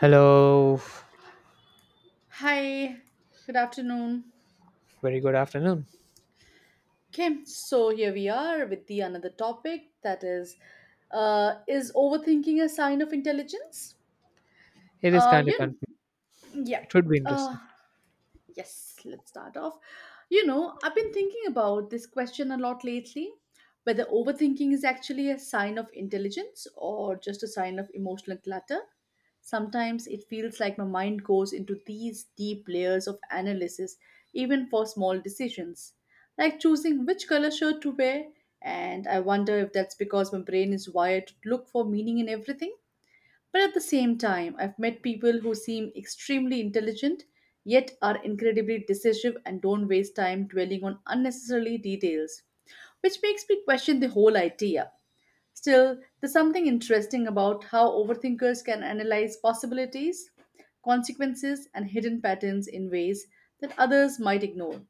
Hello, Hi, good afternoon. very good afternoon. Okay, so here we are with the another topic that is overthinking a sign of intelligence? It is Uh, kind of you, confusing. yeah. It would be Uh, interesting. Yes, let's start off. You know, I've been thinking about this question a lot lately whether overthinking is actually a sign of intelligence or just a sign of emotional clutter. Sometimes it feels like my mind goes into these deep layers of analysis, even for small decisions, like choosing which color shirt to wear. And I wonder if that's because my brain is wired to look for meaning in everything but at the same time, I've met people who seem extremely intelligent yet are incredibly decisive and don't waste time dwelling on unnecessarily details, which makes me question the whole idea. Still, there's something interesting about how overthinkers can analyze possibilities, consequences, and hidden patterns in ways that others might ignore.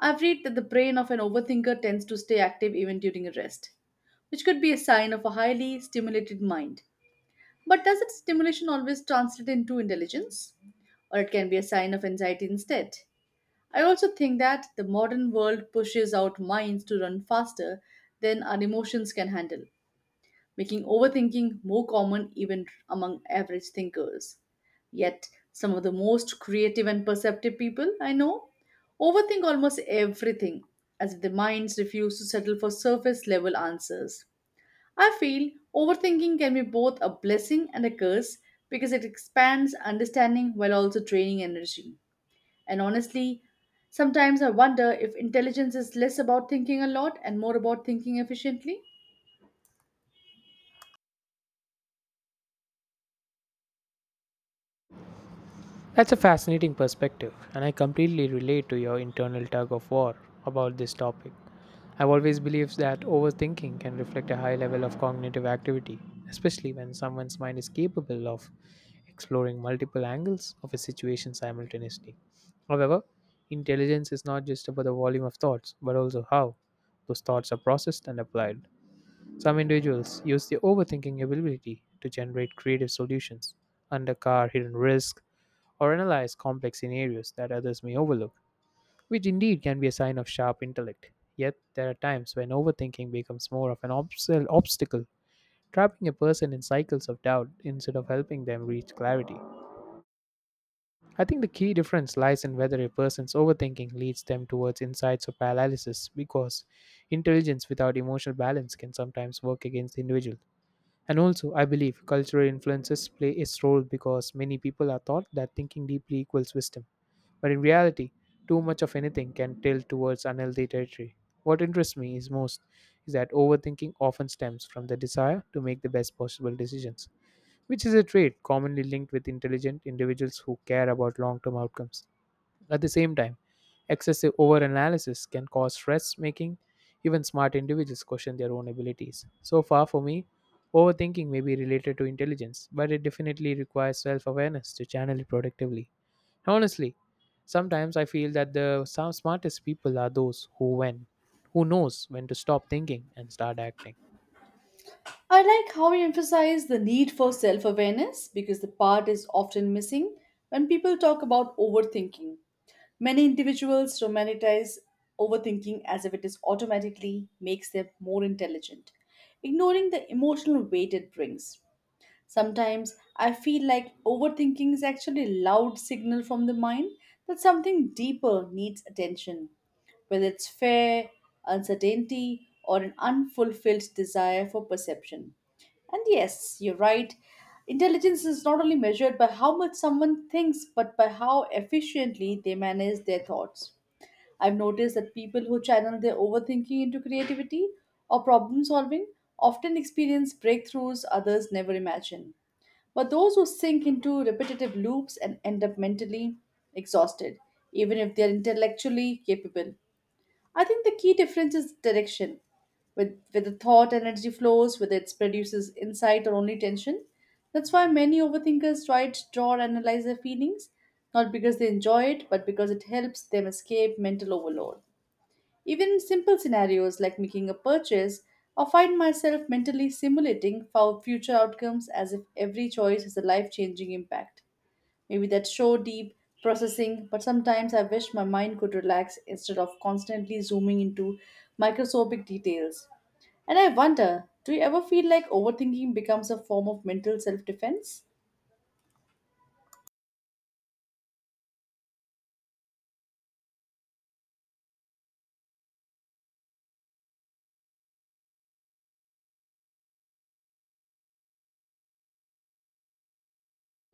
I've read that the brain of an overthinker tends to stay active even during a rest, which could be a sign of a highly stimulated mind. But does its stimulation always translate into intelligence? Or it can be a sign of anxiety instead? I also think that the modern world pushes out minds to run faster than our emotions can handle, making overthinking more common even among average thinkers. Yet, some of the most creative and perceptive people I know overthink almost everything, as if their minds refuse to settle for surface level answers. I feel overthinking can be both a blessing and a curse because it expands understanding while also draining energy. And honestly, sometimes I wonder if intelligence is less about thinking a lot and more about thinking efficiently. That's a fascinating perspective, and I completely relate to your internal tug of war about this topic. I've always believed that overthinking can reflect a high level of cognitive activity, especially when someone's mind is capable of exploring multiple angles of a situation simultaneously. However, intelligence is not just about the volume of thoughts, but also how those thoughts are processed and applied. Some individuals use their overthinking ability to generate creative solutions, undercar hidden risks, or analyze complex scenarios that others may overlook, which indeed can be a sign of sharp intellect. Yet, there are times when overthinking becomes more of an obstacle, trapping a person in cycles of doubt instead of helping them reach clarity. I think the key difference lies in whether a person's overthinking leads them towards insights or paralysis, because intelligence without emotional balance can sometimes work against the individual. And also, I believe cultural influences play its role because many people are taught that thinking deeply equals wisdom. But in reality, too much of anything can tilt towards unhealthy territory. What interests me is most is that overthinking often stems from the desire to make the best possible decisions, which is a trait commonly linked with intelligent individuals who care about long term outcomes. At the same time, excessive overanalysis can cause stress, making even smart individuals question their own abilities. So far, for me, overthinking may be related to intelligence, but it definitely requires self awareness to channel it productively. Honestly, sometimes I feel that the some smartest people are those who knows when to stop thinking and start acting. I like how you emphasize the need for self awareness because the part is often missing when people talk about overthinking. Many individuals romanticize overthinking as if it is automatically makes them more intelligent, ignoring the emotional weight it brings. Sometimes I feel like overthinking is actually a loud signal from the mind that something deeper needs attention, whether it's fear, uncertainty, or an unfulfilled desire for perception. And yes, you're right. Intelligence is not only measured by how much someone thinks, but by how efficiently they manage their thoughts. I've noticed that people who channel their overthinking into creativity or problem solving often experience breakthroughs others never imagine. But those who sink into repetitive loops and end up mentally exhausted, even if they are intellectually capable. I think the key difference is direction. With the thought energy flows, whether it produces insight or only tension. That's why many overthinkers try to draw or analyze their feelings, not because they enjoy it, but because it helps them escape mental overload. Even in simple scenarios like making a purchase, I find myself mentally simulating for future outcomes as if every choice has a life changing impact. Maybe that's so deep processing, but sometimes I wish my mind could relax instead of constantly zooming into microscopic details. And I wonder, do you ever feel like overthinking becomes a form of mental self defense?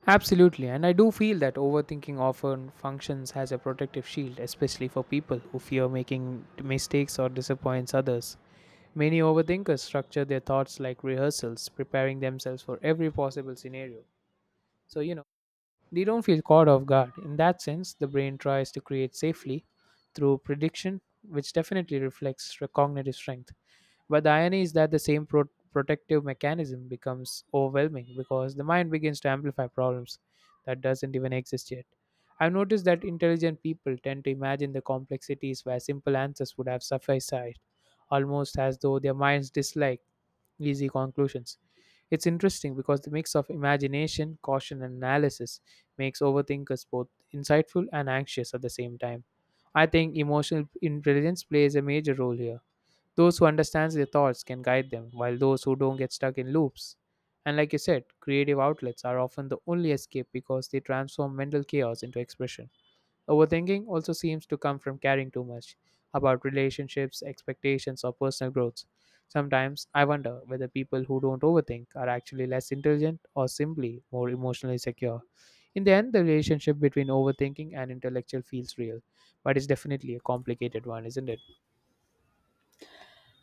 Absolutely, and I do feel that overthinking often functions as a protective shield, especially for people who fear making mistakes or disappoints others. Many overthinkers structure their thoughts like rehearsals, preparing themselves for every possible scenario. So, they don't feel caught off guard. In that sense, the brain tries to create safely through prediction, which definitely reflects cognitive strength. But the irony is that the same protective mechanism becomes overwhelming because the mind begins to amplify problems that doesn't even exist yet. I've noticed that intelligent people tend to imagine the complexities where simple answers would have sufficed, almost as though their minds dislike easy conclusions. It's interesting because the mix of imagination, caution, and analysis makes overthinkers both insightful and anxious at the same time. I think emotional intelligence plays a major role here those who understand their thoughts can guide them, while those who don't get stuck in loops. And like you said, creative outlets are often the only escape because they transform mental chaos into expression. Overthinking also seems to come from caring too much about relationships, expectations, or personal growth. Sometimes I wonder whether people who don't overthink are actually less intelligent or simply more emotionally secure. In the end, the relationship between overthinking and intellectual feels real, but it's definitely a complicated one, isn't it?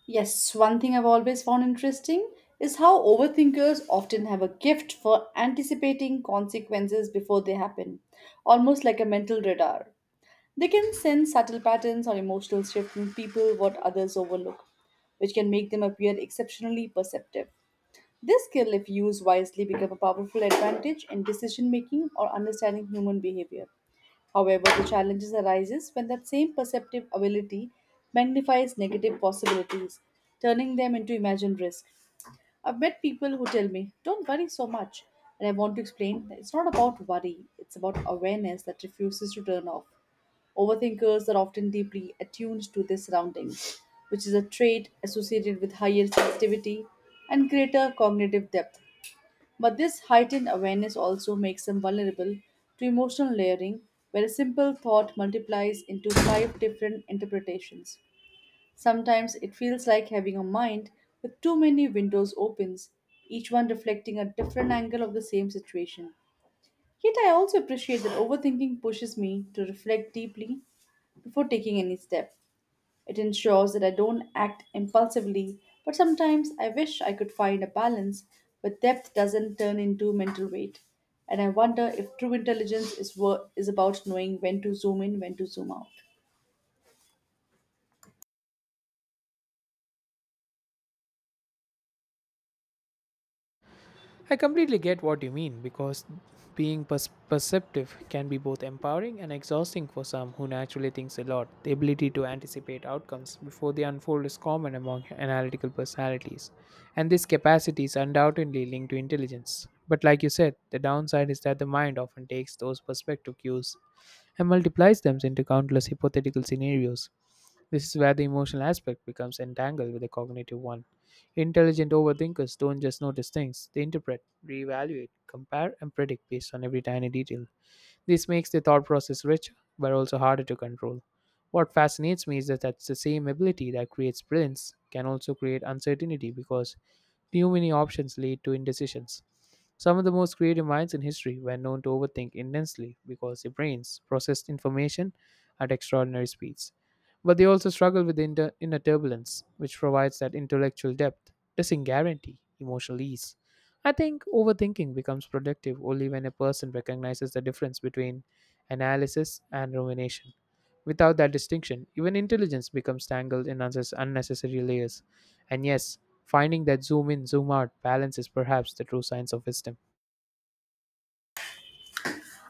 Yes, one thing I've always found interesting is how overthinkers often have a gift for anticipating consequences before they happen, almost like a mental radar. They can sense subtle patterns or emotional shifts in people what others overlook, which can make them appear exceptionally perceptive. This skill, if used wisely, become a powerful advantage in decision making or understanding human behavior. However, the challenges arises when that same perceptive ability magnifies negative possibilities, turning them into imagined risk. I've met people who tell me, "Don't worry so much," and I want to explain that it's not about worry; it's about awareness that refuses to turn off. Overthinkers are often deeply attuned to their surroundings, which is a trait associated with higher sensitivity and greater cognitive depth. But this heightened awareness also makes them vulnerable to emotional layering, where a simple thought multiplies into five different interpretations. Sometimes it feels like having a mind with too many windows opens, each one reflecting a different angle of the same situation. Yet I also appreciate that overthinking pushes me to reflect deeply before taking any step. It ensures that I don't act impulsively, but sometimes I wish I could find a balance where depth doesn't turn into mental weight. And I wonder if true intelligence is is about knowing when to zoom in, when to zoom out. I completely get what you mean because being perceptive can be both empowering and exhausting for some who naturally thinks a lot. The ability to anticipate outcomes before they unfold is common among analytical personalities, and this capacity is undoubtedly linked to intelligence. But like you said, the downside is that the mind often takes those perspective cues and multiplies them into countless hypothetical scenarios. This is where the emotional aspect becomes entangled with the cognitive one. Intelligent overthinkers don't just notice things, they interpret, reevaluate, compare, and predict based on every tiny detail. This makes the thought process richer, but also harder to control. What fascinates me is that that's the same ability that creates brilliance can also create uncertainty because too many options lead to indecisions. Some of the most creative minds in history were known to overthink intensely because their brains processed information at extraordinary speeds. But they also struggle with the inner turbulence, which provides that intellectual depth doesn't guarantee emotional ease. I think overthinking becomes productive only when a person recognizes the difference between analysis and rumination. Without that distinction, even intelligence becomes tangled in unnecessary layers. And yes, finding that zoom in, zoom out balance is perhaps the true science of wisdom.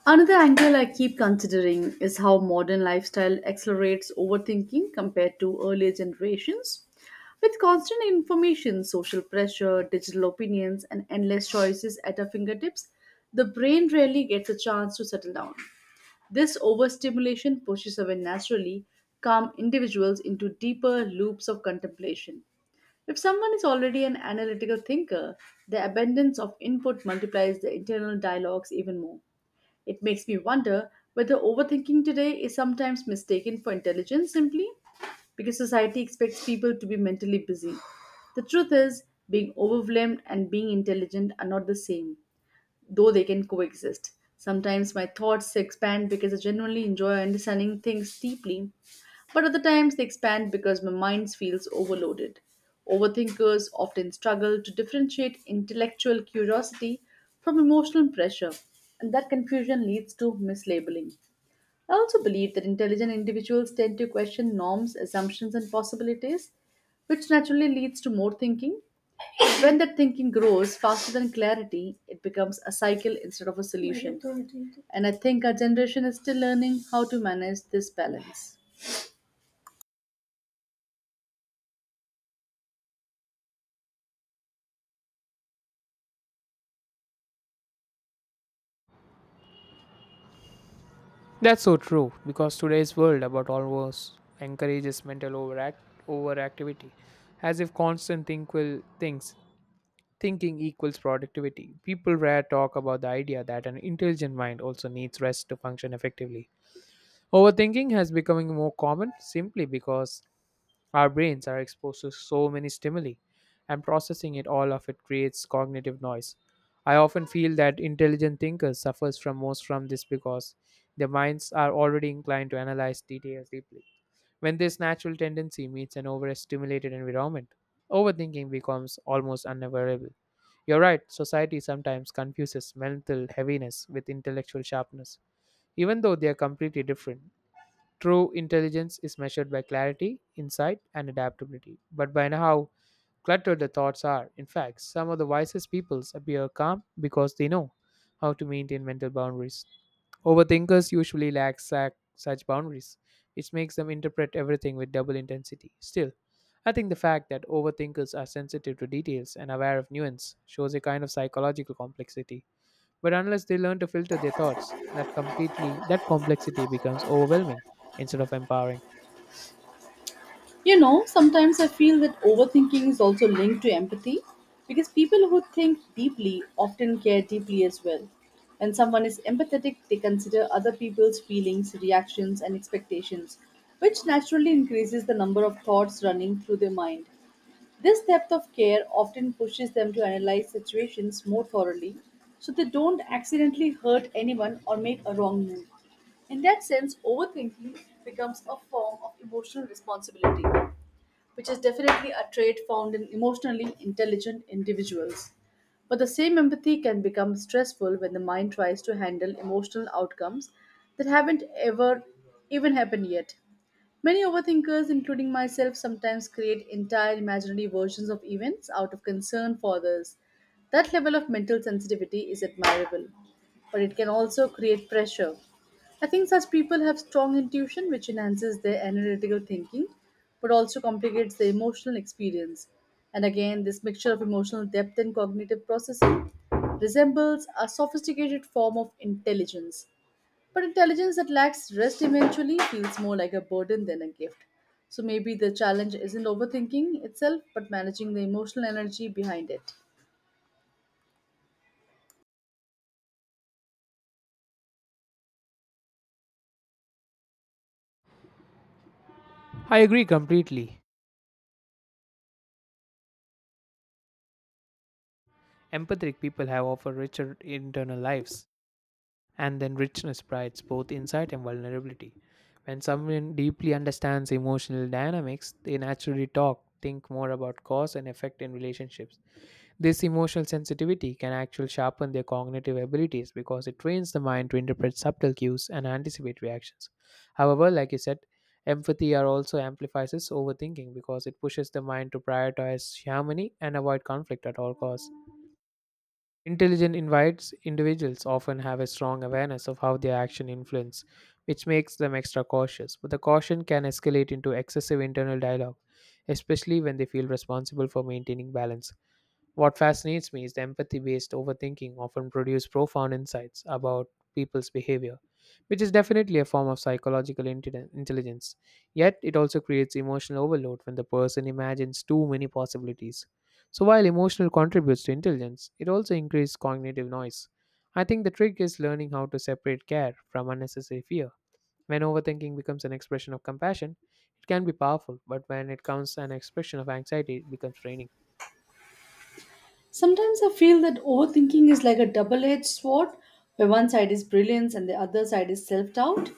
Another angle I keep considering is how modern lifestyle accelerates overthinking compared to earlier generations. With constant information, social pressure, digital opinions, and endless choices at our fingertips, the brain rarely gets a chance to settle down. This overstimulation pushes away naturally, calm individuals into deeper loops of contemplation. If someone is already an analytical thinker, the abundance of input multiplies the internal dialogues even more. It makes me wonder whether overthinking today is sometimes mistaken for intelligence simply because society expects people to be mentally busy. The truth is, being overwhelmed and being intelligent are not the same though they can coexist. Sometimes my thoughts expand because I genuinely enjoy understanding things deeply, but other times they expand because my mind feels overloaded. Overthinkers often struggle to differentiate intellectual curiosity from emotional pressure, and that confusion leads to mislabeling. I also believe that intelligent individuals tend to question norms, assumptions, and possibilities, which naturally leads to more thinking. When that thinking grows faster than clarity, it becomes a cycle instead of a solution. And I think our generation is still learning how to manage this balance. That's so true because today's world about almost encourages mental overactivity, as if constant think will things thinking equals productivity. People rarely talk about the idea that an intelligent mind also needs rest to function effectively. Overthinking has becoming more common simply because our brains are exposed to so many stimuli and processing it all of it creates cognitive noise. I often feel that intelligent thinkers suffers from most from this because their minds are already inclined to analyze details deeply. When this natural tendency meets an overstimulated environment, overthinking becomes almost unavoidable. You're right, society sometimes confuses mental heaviness with intellectual sharpness, even though they are completely different. True intelligence is measured by clarity, insight, and adaptability, but by how cluttered the thoughts are. In fact, some of the wisest peoples appear calm because they know how to maintain mental boundaries. Overthinkers usually lack such boundaries, which makes them interpret everything with double intensity. Still, I think the fact that overthinkers are sensitive to details and aware of nuance shows a kind of psychological complexity. But unless they learn to filter their thoughts, that complexity becomes overwhelming instead of empowering. You know, sometimes I feel that overthinking is also linked to empathy because people who think deeply often care deeply as well. When someone is empathetic, they consider other people's feelings, reactions, and expectations, which naturally increases the number of thoughts running through their mind. This depth of care often pushes them to analyze situations more thoroughly so they don't accidentally hurt anyone or make a wrong move. In that sense, overthinking becomes a form of emotional responsibility which is definitely a trait found in emotionally intelligent individuals. But the same empathy can become stressful when the mind tries to handle emotional outcomes that haven't ever even happened yet. Many overthinkers, including myself, sometimes create entire imaginary versions of events out of concern for others. That level of mental sensitivity is admirable, but it can also create pressure. I think such people have strong intuition, which enhances their analytical thinking, but also complicates the emotional experience. And again, this mixture of emotional depth and cognitive processing resembles a sophisticated form of intelligence. But intelligence that lacks rest eventually feels more like a burden than a gift. So maybe the challenge isn't overthinking itself, but managing the emotional energy behind it. I agree completely. Empathetic people have often richer internal lives and then richness provides both insight and vulnerability. When someone deeply understands emotional dynamics, think more about cause and effect in relationships. This emotional sensitivity can actually sharpen their cognitive abilities because it trains the mind to interpret subtle cues and anticipate reactions. However, like you said, empathy are also amplifies overthinking because it pushes the mind to prioritize harmony and avoid conflict at all costs. Intelligent invites individuals often have a strong awareness of how their action influence, which makes them extra cautious. But the caution can escalate into excessive internal dialogue, especially when they feel responsible for maintaining balance. What fascinates me is the empathy based overthinking often produces profound insights about people's behavior, which is definitely a form of psychological intelligence. Yet, it also creates emotional overload when the person imagines too many possibilities. So, while emotional contributes to intelligence, it also increases cognitive noise. I think the trick is learning how to separate care from unnecessary fear. When overthinking becomes an expression of compassion, it can be powerful, but when it becomes an expression of anxiety, it becomes draining. Sometimes I feel that overthinking is like a double edged sword where one side is brilliance and the other side is self doubt.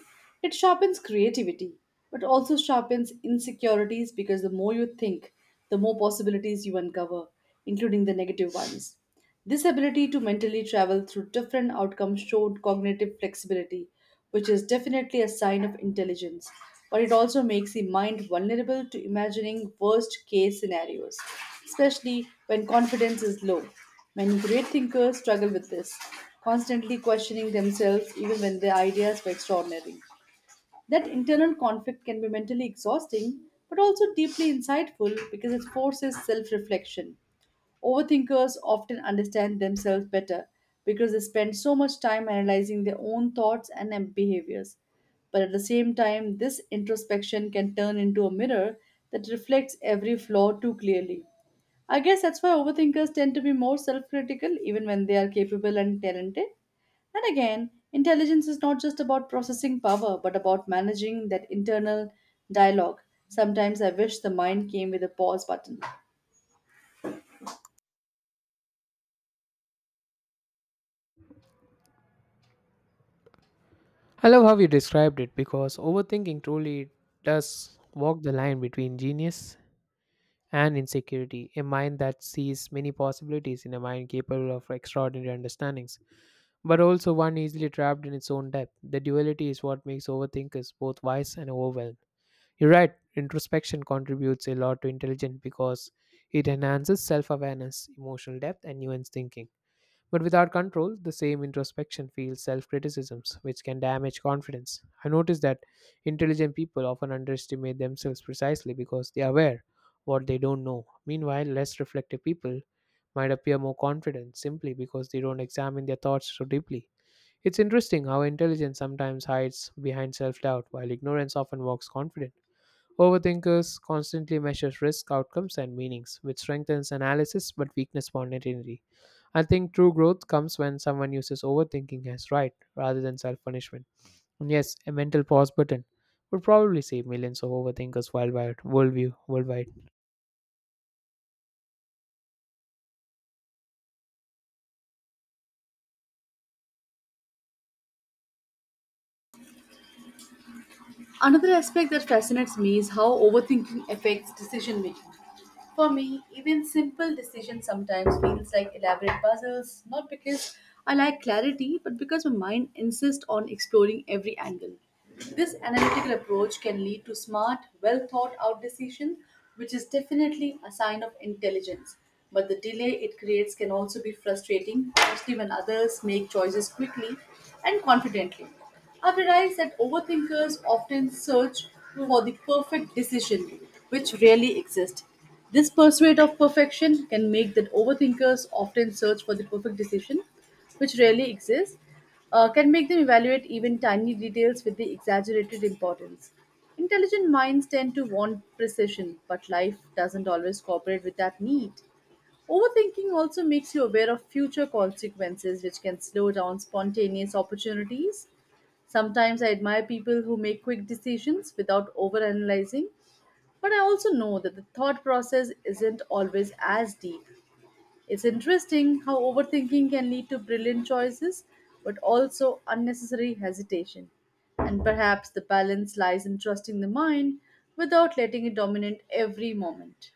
It sharpens creativity, but also sharpens insecurities because the more you think, the more possibilities you uncover, including the negative ones. This ability to mentally travel through different outcomes showed cognitive flexibility, which is definitely a sign of intelligence, but it also makes the mind vulnerable to imagining worst case scenarios, especially when confidence is low. Many great thinkers struggle with this, constantly questioning themselves even when their ideas were extraordinary. That internal conflict can be mentally exhausting, but also deeply insightful because it forces self reflection. Overthinkers often understand themselves better because they spend so much time analyzing their own thoughts and behaviors. But at the same time, this introspection can turn into a mirror that reflects every flaw too clearly. I guess that's why overthinkers tend to be more self critical even when they are capable and talented. And again, intelligence is not just about processing power, but about managing that internal dialogue. Sometimes I wish the mind came with a pause button. I love how you described it because overthinking truly does walk the line between genius and insecurity, a mind that sees many possibilities in a mind capable of extraordinary understandings, but also one easily trapped in its own depth. The duality is what makes overthinkers both wise and overwhelmed. You're right, introspection contributes a lot to intelligence because it enhances self awareness, emotional depth, and nuanced thinking but without control, the same introspection feels self criticisms, which can damage confidence. I notice that intelligent people often underestimate themselves precisely because they are aware what they don't know. Meanwhile, less reflective people might appear more confident simply because they don't examine their thoughts so deeply. It's interesting how intelligence sometimes hides behind self doubt, while ignorance often walks confident. Overthinkers constantly measure risk, outcomes, and meanings, which strengthens analysis but weakens spontaneity. I think true growth comes when someone uses overthinking as right rather than self punishment. And yes, a mental pause button would probably save millions of overthinkers worldwide. Worldwide. Another aspect that fascinates me is how overthinking affects decision making. For me, even simple decisions sometimes feels like elaborate puzzles, not because I lack clarity, but because my mind insists on exploring every angle. This analytical approach can lead to smart, well thought out decisions, which is definitely a sign of intelligence. But the delay it creates can also be frustrating, especially when others make choices quickly and confidently. I've realized that overthinkers often search for the perfect decision, which rarely exists. This pursuit of perfection can make that overthinkers often search for the perfect decision, which rarely exists, can make them evaluate even tiny details with the exaggerated importance. Intelligent minds tend to want precision, but life doesn't always cooperate with that need. Overthinking also makes you aware of future consequences, which can slow down spontaneous opportunities. Sometimes I admire people who make quick decisions without overanalyzing, but I also know that the thought process isn't always as deep. It's interesting how overthinking can lead to brilliant choices, but also unnecessary hesitation. And perhaps the balance lies in trusting the mind without letting it dominate every moment.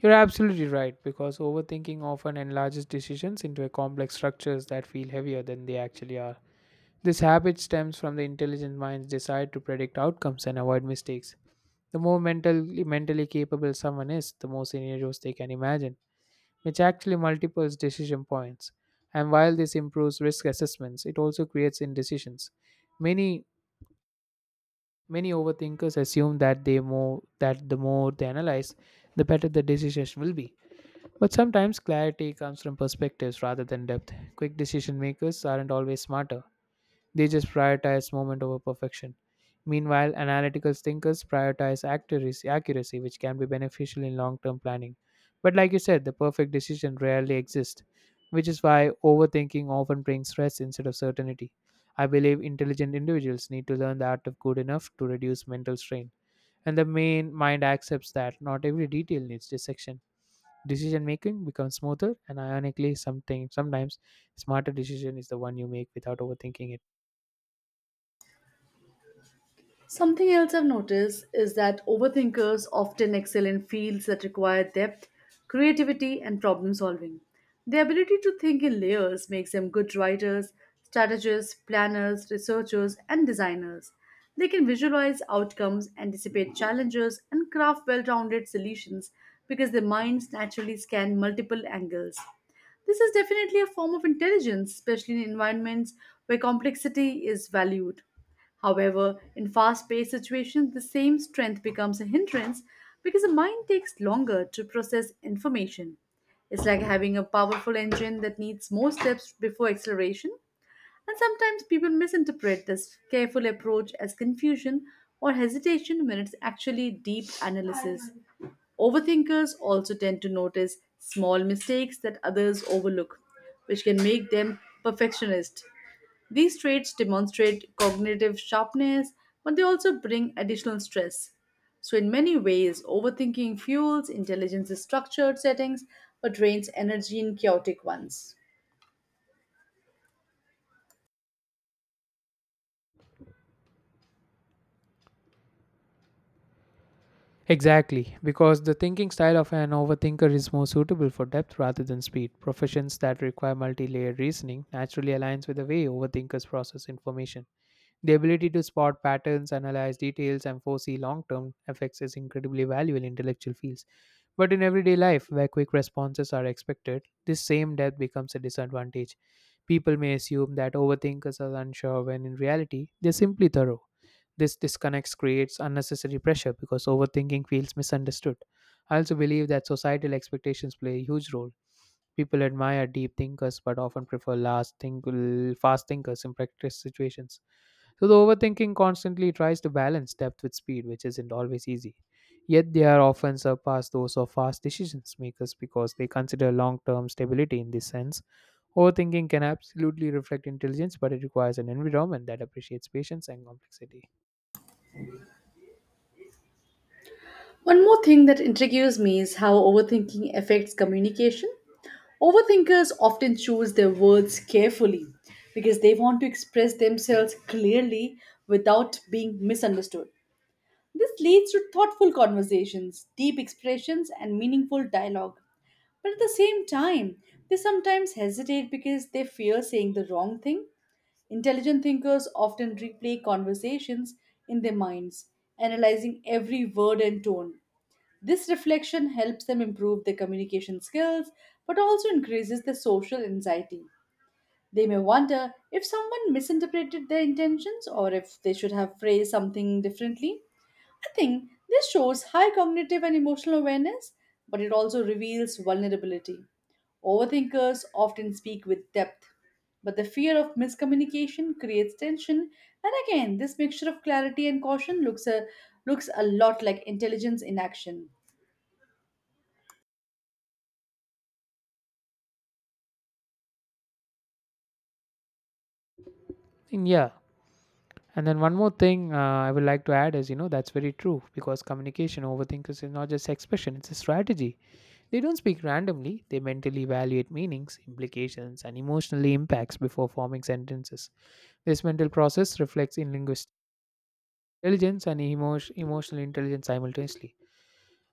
You're absolutely right because overthinking often enlarges decisions into a complex structures that feel heavier than they actually are. This habit stems from the intelligent mind's desire to predict outcomes and avoid mistakes. The more mentally capable someone is, the more scenarios they can imagine, which actually multiples decision points. And while this improves risk assessments, it also creates indecisions. Many many overthinkers assume that the more they analyze, the better the decision will be. But sometimes clarity comes from perspectives rather than depth. Quick decision makers aren't always smarter they just prioritize moment over perfection. Meanwhile, analytical thinkers prioritize accuracy, which can be beneficial in long term planning. But like you said, the perfect decision rarely exists, which is why overthinking often brings stress instead of certainty. I believe intelligent individuals need to learn the art of good enough to reduce mental strain. And the main mind accepts that not every detail needs dissection. Decision making becomes smoother, and ironically, something sometimes smarter decision is the one you make without overthinking it. Something else I've noticed is that overthinkers often excel in fields that require depth, creativity, and problem solving. Their ability to think in layers makes them good writers, strategists, planners, researchers, and designers. They can visualize outcomes, anticipate challenges, and craft well rounded solutions because their minds naturally scan multiple angles. This is definitely a form of intelligence, especially in environments where complexity is valued. However, in fast paced situations, the same strength becomes a hindrance because the mind takes longer to process information. It's like having a powerful engine that needs more steps before acceleration. And sometimes people misinterpret this careful approach as confusion or hesitation when it's actually deep analysis. Overthinkers also tend to notice small mistakes that others overlook, which can make them perfectionist. These traits demonstrate cognitive sharpness, but they also bring additional stress. So, in many ways, overthinking fuels intelligence's structured settings but drains energy in chaotic ones. Exactly, because the thinking style of an overthinker is more suitable for depth rather than speed. Professions that require multi layered reasoning naturally aligns with the way overthinkers process information. The ability to spot patterns, analyze details, and foresee long term effects is incredibly valuable in intellectual fields. But in everyday life, where quick responses are expected, this same depth becomes a disadvantage. People may assume that overthinkers are unsure when in reality, they're simply thorough. This disconnect creates unnecessary pressure because overthinking feels misunderstood. I also believe that societal expectations play a huge role. People admire deep thinkers but often prefer fast thinkers in practice situations. So the overthinking constantly tries to balance depth with speed, which isn't always easy. Yet they are often surpassed those of fast decisions makers because they consider long term stability in this sense. Overthinking can absolutely reflect intelligence, but it requires an environment that appreciates patience and complexity. One more thing that intrigues me is how overthinking affects communication. Overthinkers often choose their words carefully because they want to express themselves clearly without being misunderstood. This leads to thoughtful conversations, deep expressions, and meaningful dialogue. But at the same time, they sometimes hesitate because they fear saying the wrong thing. Intelligent thinkers often replay conversations in their minds, analyzing every word and tone. This reflection helps them improve their communication skills but also increases their social anxiety. They may wonder if someone misinterpreted their intentions or if they should have phrased something differently. I think this shows high cognitive and emotional awareness, but it also reveals vulnerability. Overthinkers often speak with depth, but the fear of miscommunication creates tension, and again, this mixture of clarity and caution looks a lot like intelligence in action. And yeah, And then one more thing I would like to add is that's very true because communication overthinkers is not just expression, it's a strategy. They don't speak randomly, they mentally evaluate meanings, implications, and emotional impacts before forming sentences. This mental process reflects in linguistic intelligence and emotional intelligence simultaneously.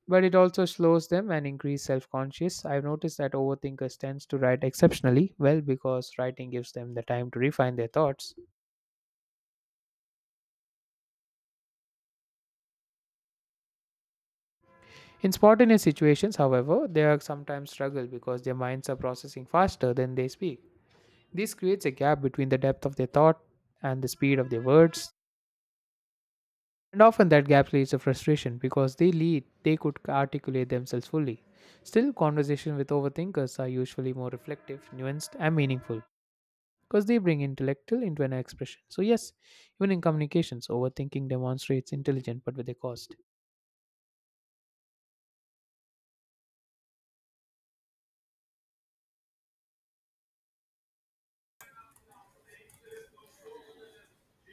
But it also slows them and increase self-conscious. I've noticed that overthinkers tends to write exceptionally well because writing gives them the time to refine their thoughts. In spontaneous situations, however, they are sometimes struggle because their minds are processing faster than they speak. This creates a gap between the depth of their thought and the speed of their words. And often that gap leads to frustration because they lead they could articulate themselves fully. Still, conversations with overthinkers are usually more reflective, nuanced, and meaningful because they bring intellectual into an expression. So yes, even in communications, overthinking demonstrates intelligence but with a cost.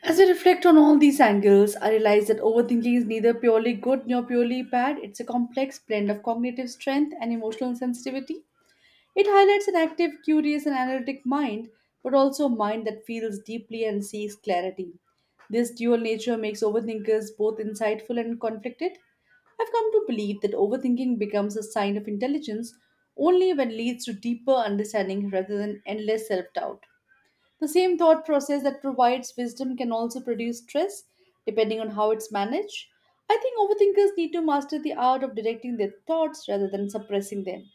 As I reflect on all these angles, I realize that overthinking is neither purely good nor purely bad. It's a complex blend of cognitive strength and emotional sensitivity. It highlights an active, curious, and analytic mind, but also a mind that feels deeply and seeks clarity. This dual nature makes overthinkers both insightful and conflicted. I've come to believe that overthinking becomes a sign of intelligence only when it leads to deeper understanding rather than endless self doubt. The same thought process that provides wisdom can also produce stress, depending on how it's managed. I think overthinkers need to master the art of directing their thoughts rather than suppressing them.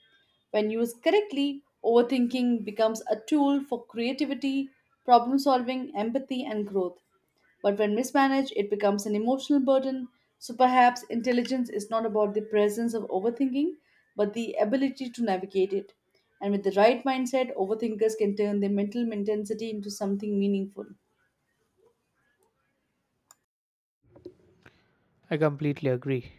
When used correctly, overthinking becomes a tool for creativity, problem solving, empathy, and growth. But when mismanaged, it becomes an emotional burden. So perhaps intelligence is not about the presence of overthinking, but the ability to navigate it. And with the right mindset, overthinkers can turn their mental intensity into something meaningful. I completely agree.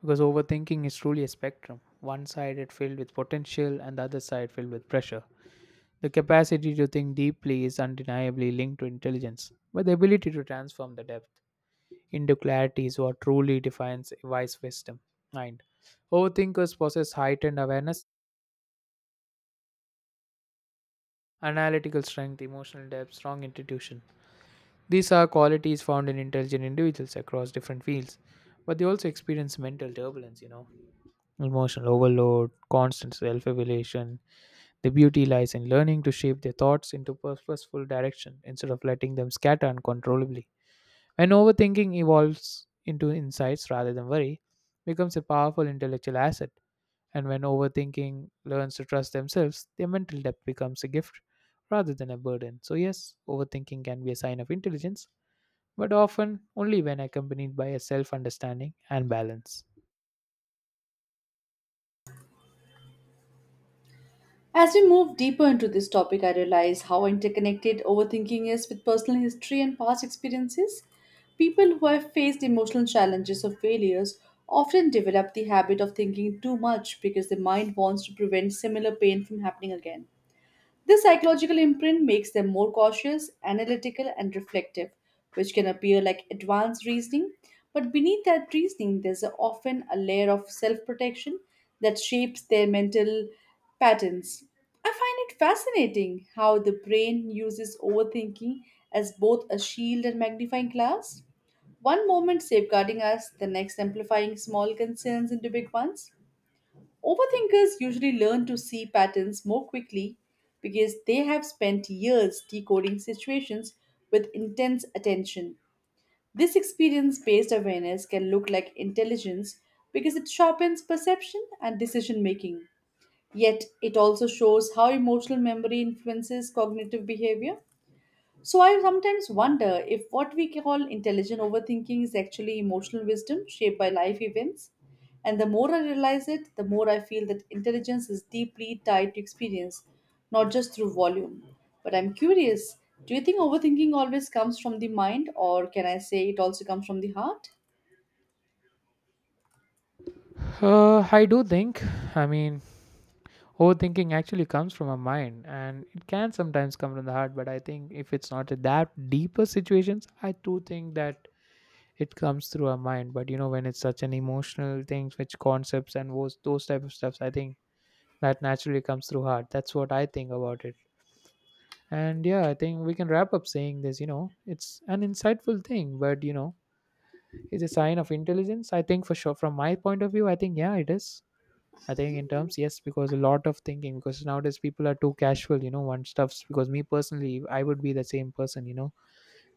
Because overthinking is truly a spectrum. One side it filled with potential and the other side filled with pressure. The capacity to think deeply is undeniably linked to intelligence, but the ability to transform the depth into clarity is what truly defines a wise wisdom. Mind. Overthinkers possess heightened awareness, analytical strength, emotional depth, strong intuition. These are qualities found in intelligent individuals across different fields, but they also experience mental turbulence, you know, emotional overload, constant self evaluation. The beauty lies in learning to shape their thoughts into purposeful direction instead of letting them scatter uncontrollably. When overthinking evolves into insights rather than worry, it becomes a powerful intellectual asset. And when overthinking learns to trust themselves, their mental depth becomes a gift rather than a burden. So yes, overthinking can be a sign of intelligence, but often only when accompanied by a self-understanding and balance. As we move deeper into this topic, I realize how interconnected overthinking is with personal history and past experiences. People who have faced emotional challenges or failures often develop the habit of thinking too much because the mind wants to prevent similar pain from happening again. This psychological imprint makes them more cautious, analytical, and reflective, which can appear like advanced reasoning. But beneath that reasoning, there's often a layer of self protection that shapes their mental patterns. I find it fascinating how the brain uses overthinking as both a shield and magnifying glass. One moment safeguarding us, the next amplifying small concerns into big ones. Overthinkers usually learn to see patterns more quickly because they have spent years decoding situations with intense attention. This experience based awareness can look like intelligence because it sharpens perception and decision making. Yet, it also shows how emotional memory influences cognitive behavior. So I sometimes wonder if what we call intelligent overthinking is actually emotional wisdom shaped by life events. And the more I realize it, the more I feel that intelligence is deeply tied to experience, not just through volume. But I'm curious, do you think overthinking always comes from the mind, or can I say it also comes from the heart? I do think, I mean, overthinking actually comes from our mind and it can sometimes come from the heart, but I think if it's not a that deeper situations, I do think that it comes through our mind. But you know, when it's such an emotional things, which concepts and those type of stuffs, I think that naturally comes through heart. That's what I think about it. And yeah, I think we can wrap up saying this, you know, it's an insightful thing, but you know, it's a sign of intelligence. I think for sure from my point of view, I think yeah, it is. I think in terms, yes, because a lot of thinking, because nowadays people are too casual, you know, one stuffs. Because me personally, I would be the same person, you know,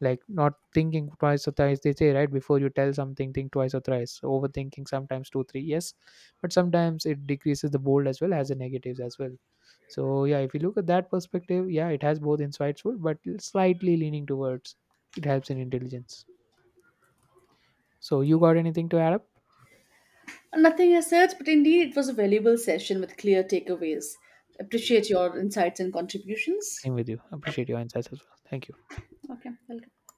like not thinking twice or thrice. They say, right, before you tell something, think twice or thrice. Overthinking sometimes two, three, yes, but sometimes it decreases the bold as well as the negatives as well. So, yeah, if you look at that perspective, yeah, it has both insightful, but slightly leaning towards it helps in intelligence. So, you got anything to add up? Nothing as such, but indeed it was a valuable session with clear takeaways. Appreciate your insights and contributions. Same with you. Appreciate your insights as well. Thank you. Okay, welcome.